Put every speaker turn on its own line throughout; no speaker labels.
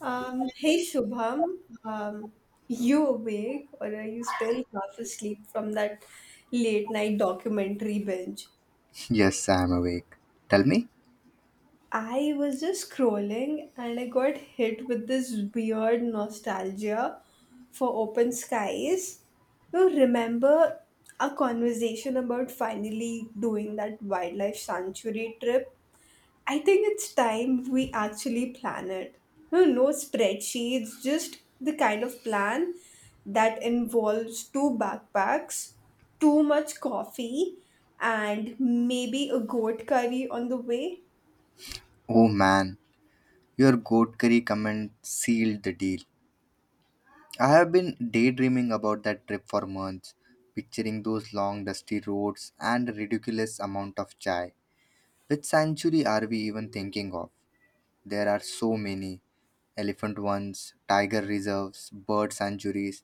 Hey Shubham, um, you awake or are you still half asleep from that late night documentary binge?
Yes, I'm awake. Tell me.
I was just scrolling and I got hit with this weird nostalgia for open skies. You remember our conversation about finally doing that wildlife sanctuary trip? I think it's time we actually plan it. No spreadsheets, just the kind of plan that involves two backpacks, too much coffee, and maybe a goat curry on the way.
Oh man, your goat curry comment sealed the deal. I have been daydreaming about that trip for months, picturing those long dusty roads and a ridiculous amount of chai. Which sanctuary are we even thinking of? There are so many elephant ones, tiger reserves, bird sanctuaries.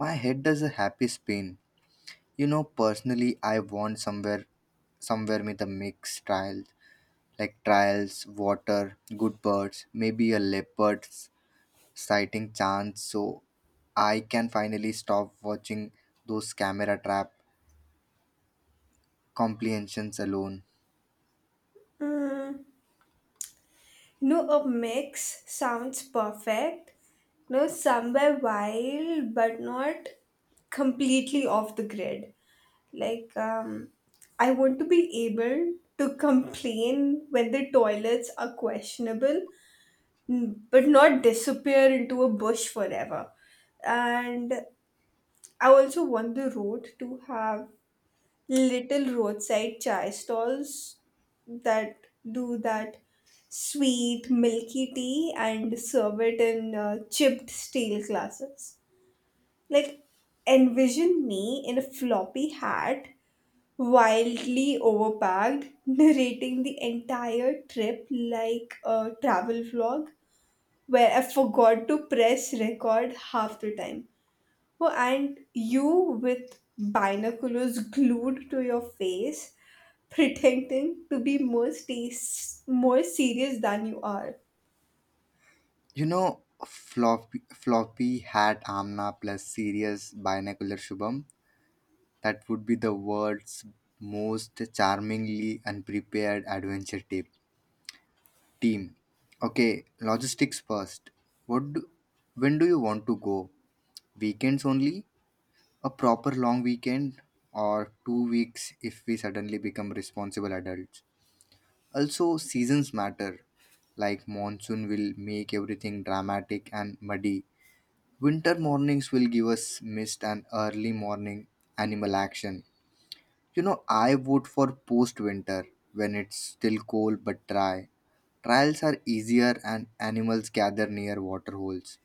My head does a happy spin. You know, personally, I want somewhere, somewhere with a mixed style like trials, water, good birds, maybe a leopard's sighting chance. So I can finally stop watching those camera trap comprehensions alone.
No, a mix sounds perfect. No, somewhere wild but not completely off the grid. Like, I want to be able to complain when the toilets are questionable, but not disappear into a bush forever. And I also want the road to have little roadside chai stalls that do that sweet milky tea and serve it in chipped steel glasses. Like, envision me in a floppy hat wildly overpacked, narrating the entire trip like a travel vlog where I forgot to press record half the time. Oh, and you with binoculars glued to your face, pretending to be more serious than you are.
You know, floppy hat Amna plus serious binocular Shubham. That would be the world's most charmingly unprepared adventure tip team. Okay, logistics first. What do, when do you want to go? Weekends only? A proper long weekend or two weeks if we suddenly become responsible adults. Also, seasons matter. Like monsoon will make everything dramatic and muddy. Winter mornings will give us mist and early morning animal action. You know, I vote for post winter when it's still cold but dry. Trials are easier and animals gather near water holes.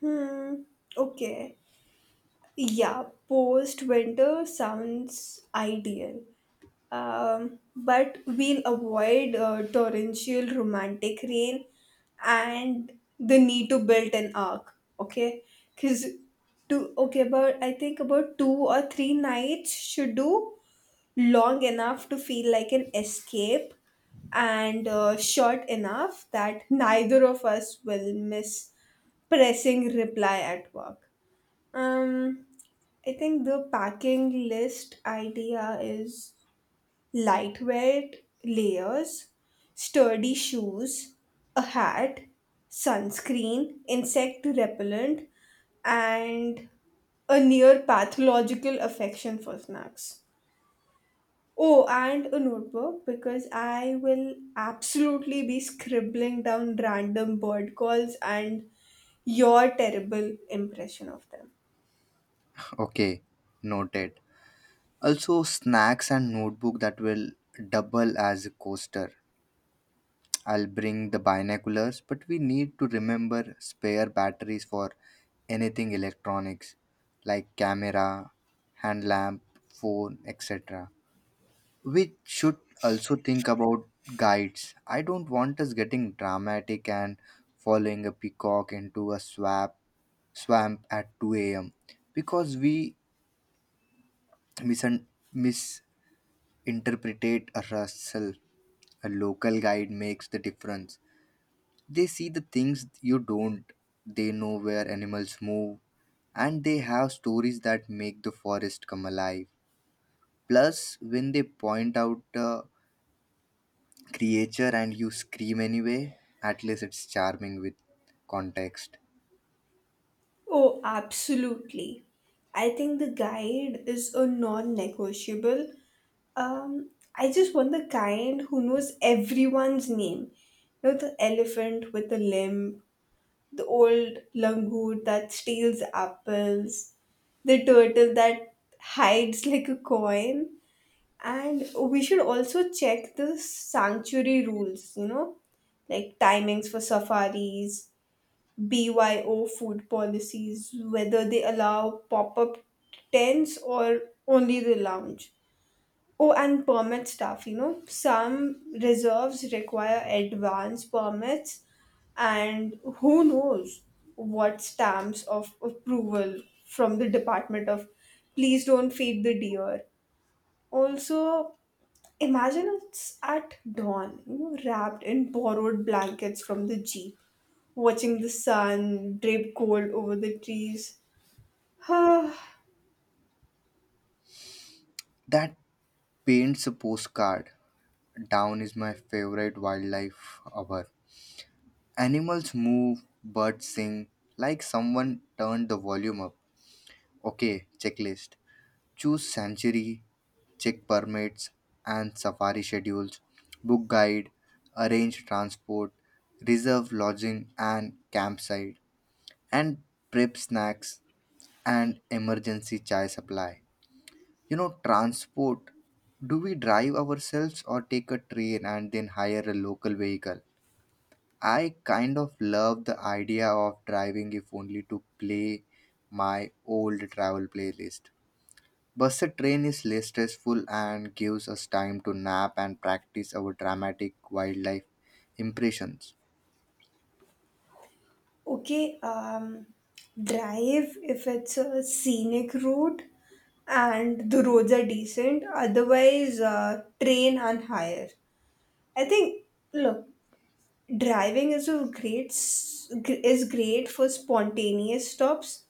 Hmm, okay. Yeah, post winter sounds ideal. But we'll avoid torrential romantic rain and the need to build an arc, okay, because two okay about I think about two or three nights should do, long enough to feel like an escape and short enough that neither of us will miss pressing reply at work. um I think the packing list idea is lightweight layers, sturdy shoes, a hat, sunscreen, insect repellent, and a near pathological affection for snacks. Oh, and a notebook because I will absolutely be scribbling down random bird calls and your terrible impression of them.
Okay, noted. Also, snacks and notebook that will double as a coaster. I'll bring the binoculars, but we need to remember spare batteries for anything electronics like camera, hand lamp, phone, etc. We should also think about guides. I don't want us getting dramatic and following a peacock into a swamp at 2 a.m. because we misunderstand interpretate Russell. A local guide makes the difference. They see the things you don't, they know where animals move, and they have stories that make the forest come alive. Plus, when they point out a creature and you scream anyway, at least it's charming with context.
Oh, absolutely. I think the guide is a non negotiable. Um, I just want the kind who knows everyone's name. You know, the elephant with the limp, the old langur that steals apples, the turtle that hides like a coin. And we should also check the sanctuary rules, you know, like timings for safaris, BYO food policies, whether they allow pop up tents or only the lounge. Oh, and permit stuff, you know, some reserves require advance permits, and who knows what stamps of approval from the Department of Please Don't Feed the Deer. Also, imagine it's at dawn, you know, wrapped in borrowed blankets from the Jeep, watching the sun drape cold over the trees.
That paints a postcard. Down is my favorite wildlife hour. Animals move, birds sing, like someone turned the volume up. Okay, checklist. Choose sanctuary, check permits and safari schedules, book guide, arrange transport, reserve lodging and campsite, and prep snacks and emergency chai supply. You know, transport. Do we drive ourselves or take a train and then hire a local vehicle? I kind of love the idea of driving if only to play my old travel playlist. Bus train is less stressful and gives us time to nap and practice our dramatic wildlife impressions.
Okay, drive if it's a scenic route and the roads are decent. Otherwise, train and hire. I think, look, driving is a great s- gr- is great for spontaneous stops.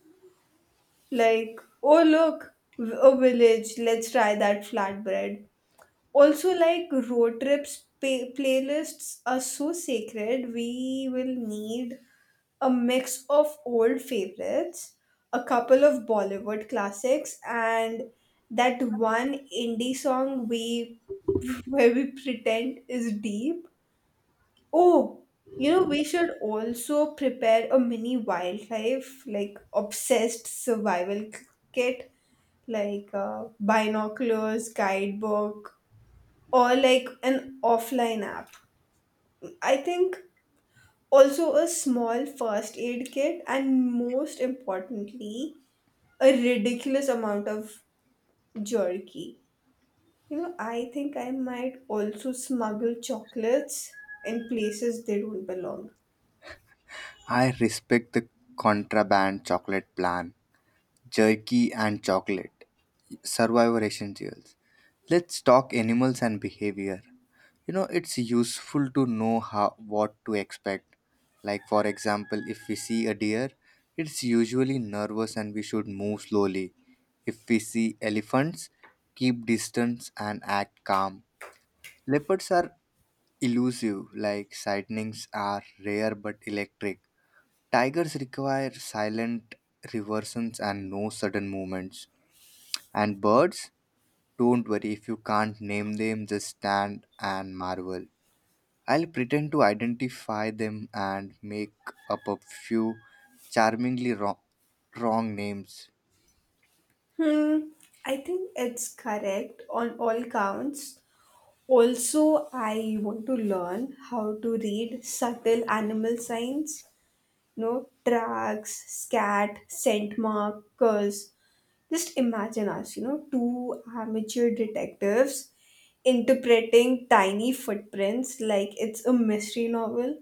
Like, oh look, a village. Let's try that flatbread. Also, like, road trips playlists are so sacred, we will need a mix of old favorites, a couple of bollywood classics, and that one indie song we where we pretend is deep. Oh, you know, we should also prepare a mini wildlife like obsessed survival kit, like binoculars, guidebook, or like an offline app. I think also a small first aid kit and, most importantly, a ridiculous amount of jerky. You know, I think I might also smuggle chocolates in places they don't belong.
I respect the contraband chocolate plan, jerky and chocolate, survivor essentials. Let's talk animals and behavior. You know, it's useful to know what to expect. Like, for example, if we see a deer, it's usually nervous and we should move slowly. If we see elephants, keep distance and act calm. Leopards are elusive, like sightings are rare but electric. Tigers require silent reversions and no sudden movements. And birds, don't worry if you can't name them, just stand and marvel. I'll pretend to identify them and make up a few charmingly wrong names.
Hmm, I think it's correct on all counts. Also, I want to learn how to read subtle animal signs, know, tracks, scat, scent markers. Just imagine us, you know, two amateur detectives interpreting tiny footprints like it's a mystery novel.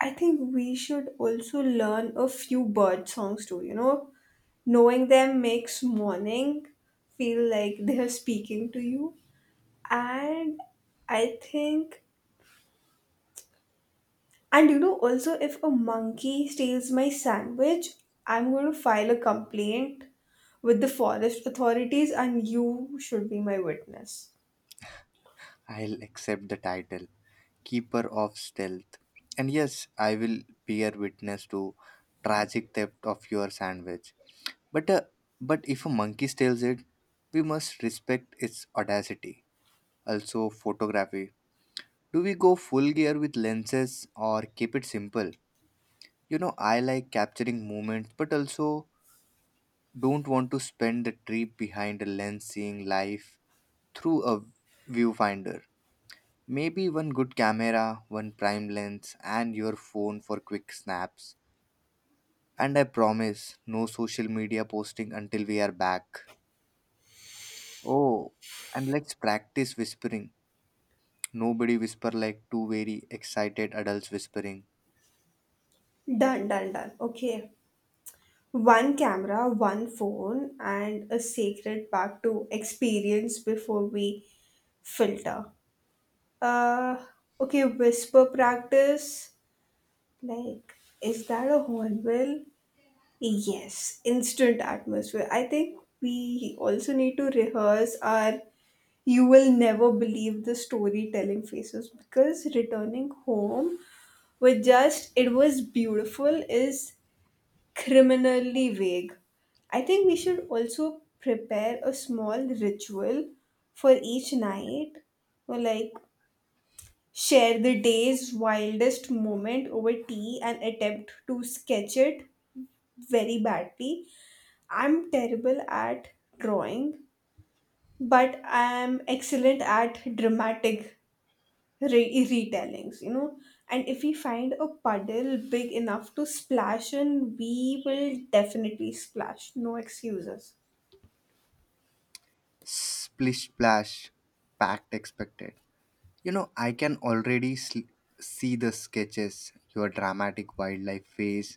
I think we should also learn a few bird songs too, you know. Knowing them makes morning feel like they are speaking to you. And I think And you know, also, if a monkey steals my sandwich, I'm going to file a complaint with the forest authorities, and you should be my witness.
I'll accept the title, Keeper of Stealth. And yes, I will bear witness to tragic theft of your sandwich. But uh, but if a monkey steals it, we must respect its audacity. Also, photography. Do we go full gear with lenses or keep it simple? You know, I like capturing moments, but also don't want to spend the trip behind a lens seeing life through a viewfinder. Maybe one good camera, one prime lens, and your phone for quick snaps. And I promise, no social media posting until we are back. Oh, and let's practice whispering. Nobody whisper like two very excited adults whispering.
Done. Okay. One camera, one phone, and a sacred pack to experience before we filter. Uh, okay, whisper practice. Like, is that a hornbill? Yes, instant atmosphere. I think we also need to rehearse our "you will never believe" the storytelling faces, because returning home with just "it was beautiful" is criminally vague. I think we should also prepare a small ritual for each night, or like share the day's wildest moment over tea and attempt to sketch it very badly. I'm terrible at drawing, but I'm excellent at dramatic retellings, you know. And if we find a puddle big enough to splash in, we will definitely splash. No excuses.
Splish splash, packed expected. You know, I can see the sketches, your dramatic wildlife face,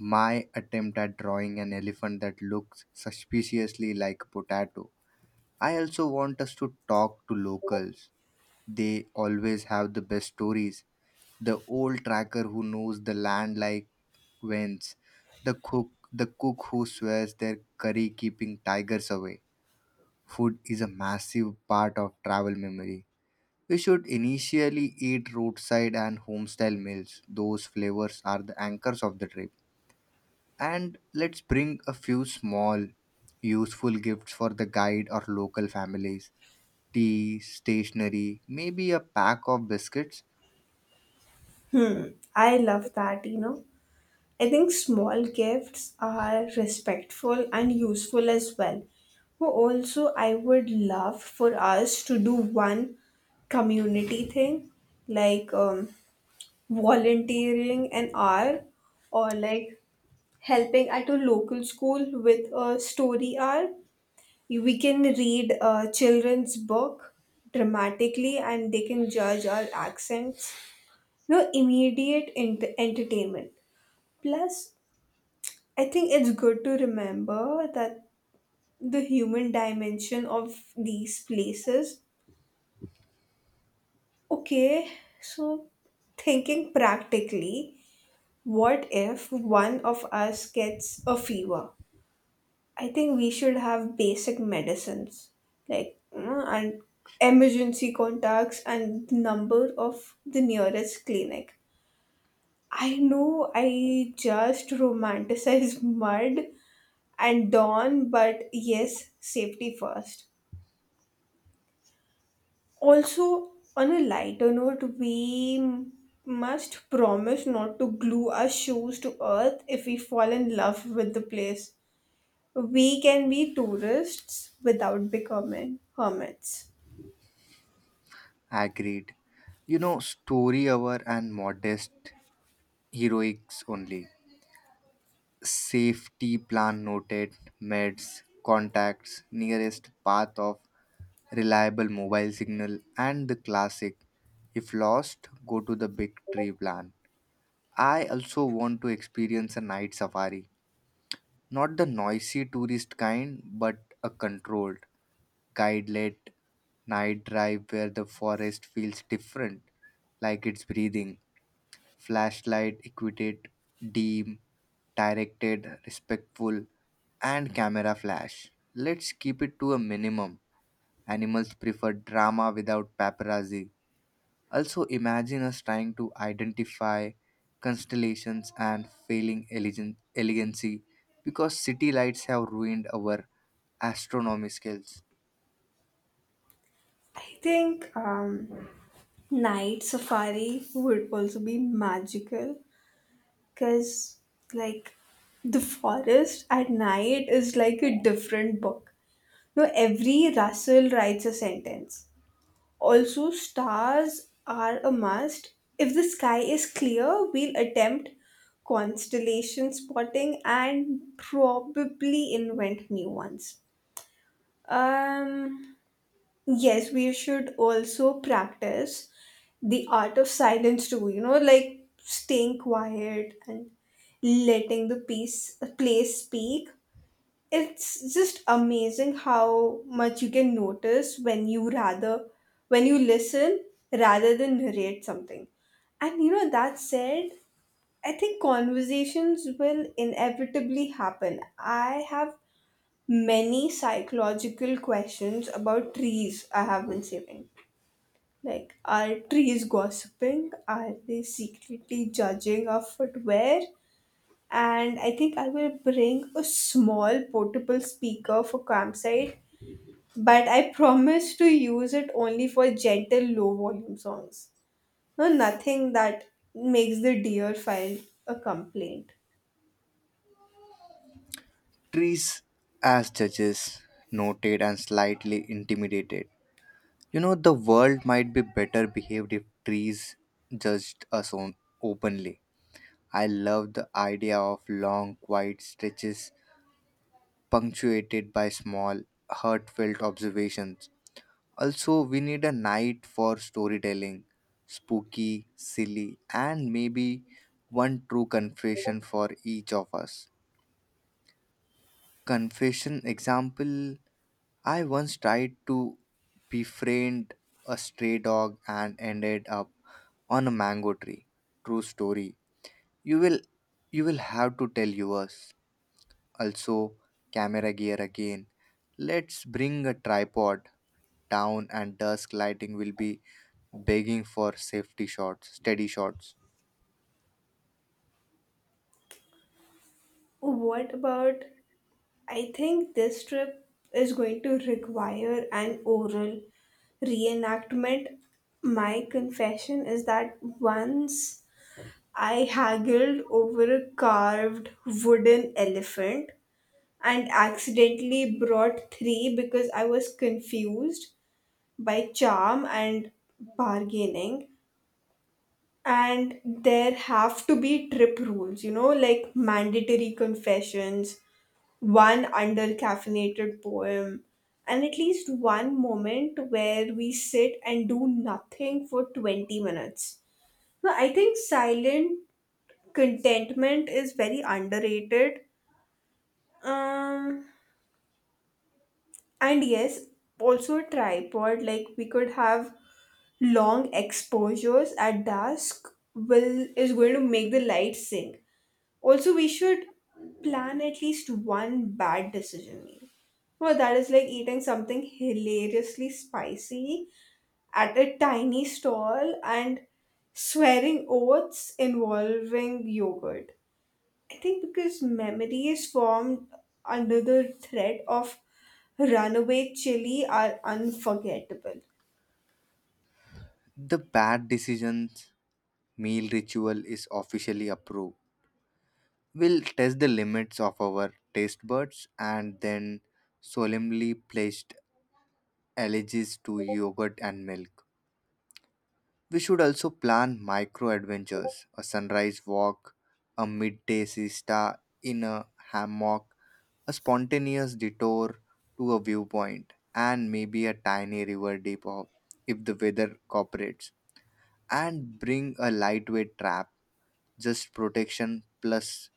my attempt at drawing an elephant that looks suspiciously like a potato. I also want us to talk to locals. They always have the best stories. The old tracker who knows the land like whence, the cook who swears their curry keeping tigers away. Food is a massive part of travel memory. We should initially eat roadside and homestyle meals. Those flavors are the anchors of the trip. And let's bring a few small useful gifts for the guide or local families, tea stationery, maybe a pack of biscuits.
I love that, you know. I think small gifts are respectful and useful as well. Well, also, I would love for us to do one community thing, like volunteering an hour, or like helping at a local school with a story hour. We can read a children's book dramatically and they can judge our accents. No immediate entertainment. Plus, I think it's good to remember that the human dimension of these places. Okay, so thinking practically, what if one of us gets a fever? I think we should have basic medicines like, and emergency contacts and number of the nearest clinic. I know I just romanticize mud and dawn, but yes, safety first. Also, on a lighter note, must promise not to glue our shoes to earth if we fall in love with the place. We can be tourists without becoming hermits.
Agreed. You know, story hour and modest heroics only. Safety plan noted, meds, contacts, nearest path of reliable mobile signal, and the classic if lost go to the big tree plan. I also want to experience a night safari. Not the noisy tourist kind, but a controlled, guide led night drive where the forest feels different, like it's breathing. Flashlight equipped, dim, directed, respectful, and camera flash. Let's keep it to a minimum. Animals prefer drama without paparazzi. Also, imagine us trying to identify constellations and elegancy because city lights have ruined our astronomy skills.
I think night safari would also be magical because, like, the forest at night is like a different book. No, every rustle writes a sentence. Also, stars are a must. If the sky is clear, we'll attempt constellation spotting and probably invent new ones. Um, yes, we should also practice the art of silence too, you know, like staying quiet and letting the piece place speak. It's just amazing how much you can notice when you listen rather than narrate something. And you know, that said, I think conversations will inevitably happen. I have many psychological questions about trees I have been saving. Like, are trees gossiping? Are they secretly judging our footwear? And I think I will bring a small portable speaker for campsite, but I promise to use it only for gentle, low volume songs. No, nothing that makes the deer file a complaint.
Trees as judges, noted and slightly intimidated. You know, the world might be better behaved if trees judged us on openly. I love the idea of long, quiet stretches punctuated by small, heartfelt observations. Also, we need a night for storytelling, spooky, silly, and maybe one true confession for each of us. Confession example: I once tried to befriend a stray dog and ended up on a mango tree. True story. You will you will have to tell yours. Also, camera gear again. Let's bring a tripod. Down and dusk lighting will be begging for safety shots, steady shots.
What about, I think this trip is going to require an oral reenactment. My confession is that once I haggled over a carved wooden elephant and accidentally brought three because I was confused by charm and bargaining. And there have to be trip rules, you know, like mandatory confessions, one undercaffeinated poem, and at least one moment where we sit and do nothing for 20 minutes. No, I think silent contentment is very underrated. Um, and yes, also a tripod, like we could have long exposures at dusk, will is going to make the light sink. Also, we should plan at least one bad decision meal. Well, that is like eating something hilariously spicy at a tiny stall and swearing oaths involving yogurt. I think because memory is formed under the threat of runaway chili are unforgettable.
The bad decisions meal ritual is officially approved. We'll test the limits of our taste buds and then solemnly pledged allegiance to yogurt and milk. We should also plan micro adventures, a sunrise walk, a midday siesta in a hammock, a spontaneous detour to a viewpoint, and maybe a tiny river depot if the weather cooperates. And bring a lightweight trap, just protection plus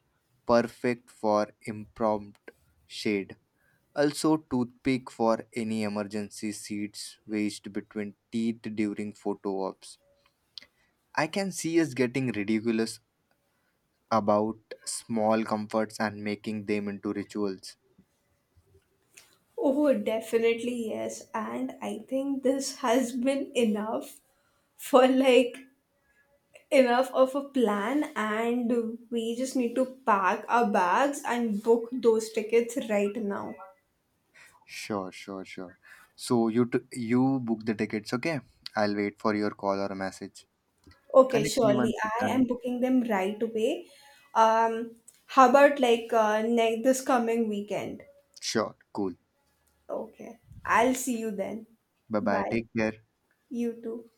perfect for impromptu shade. Also, toothpick for any emergency seeds wedged between teeth during photo ops. I can see us getting ridiculous about small comforts and making them into rituals.
Oh, definitely yes. And I think this has been enough for like enough of a plan, and we just need to pack our bags and book those tickets right now.
Sure. So you book the tickets, okay? I'll wait for your call or a message.
Okay,
Connect me
surely
once it's
I am
done.
booking them right away. Um, how about like, next this coming weekend?
Sure, cool.
Okay, I'll see you then.
Bye bye.
Bye.
Take care.
You too.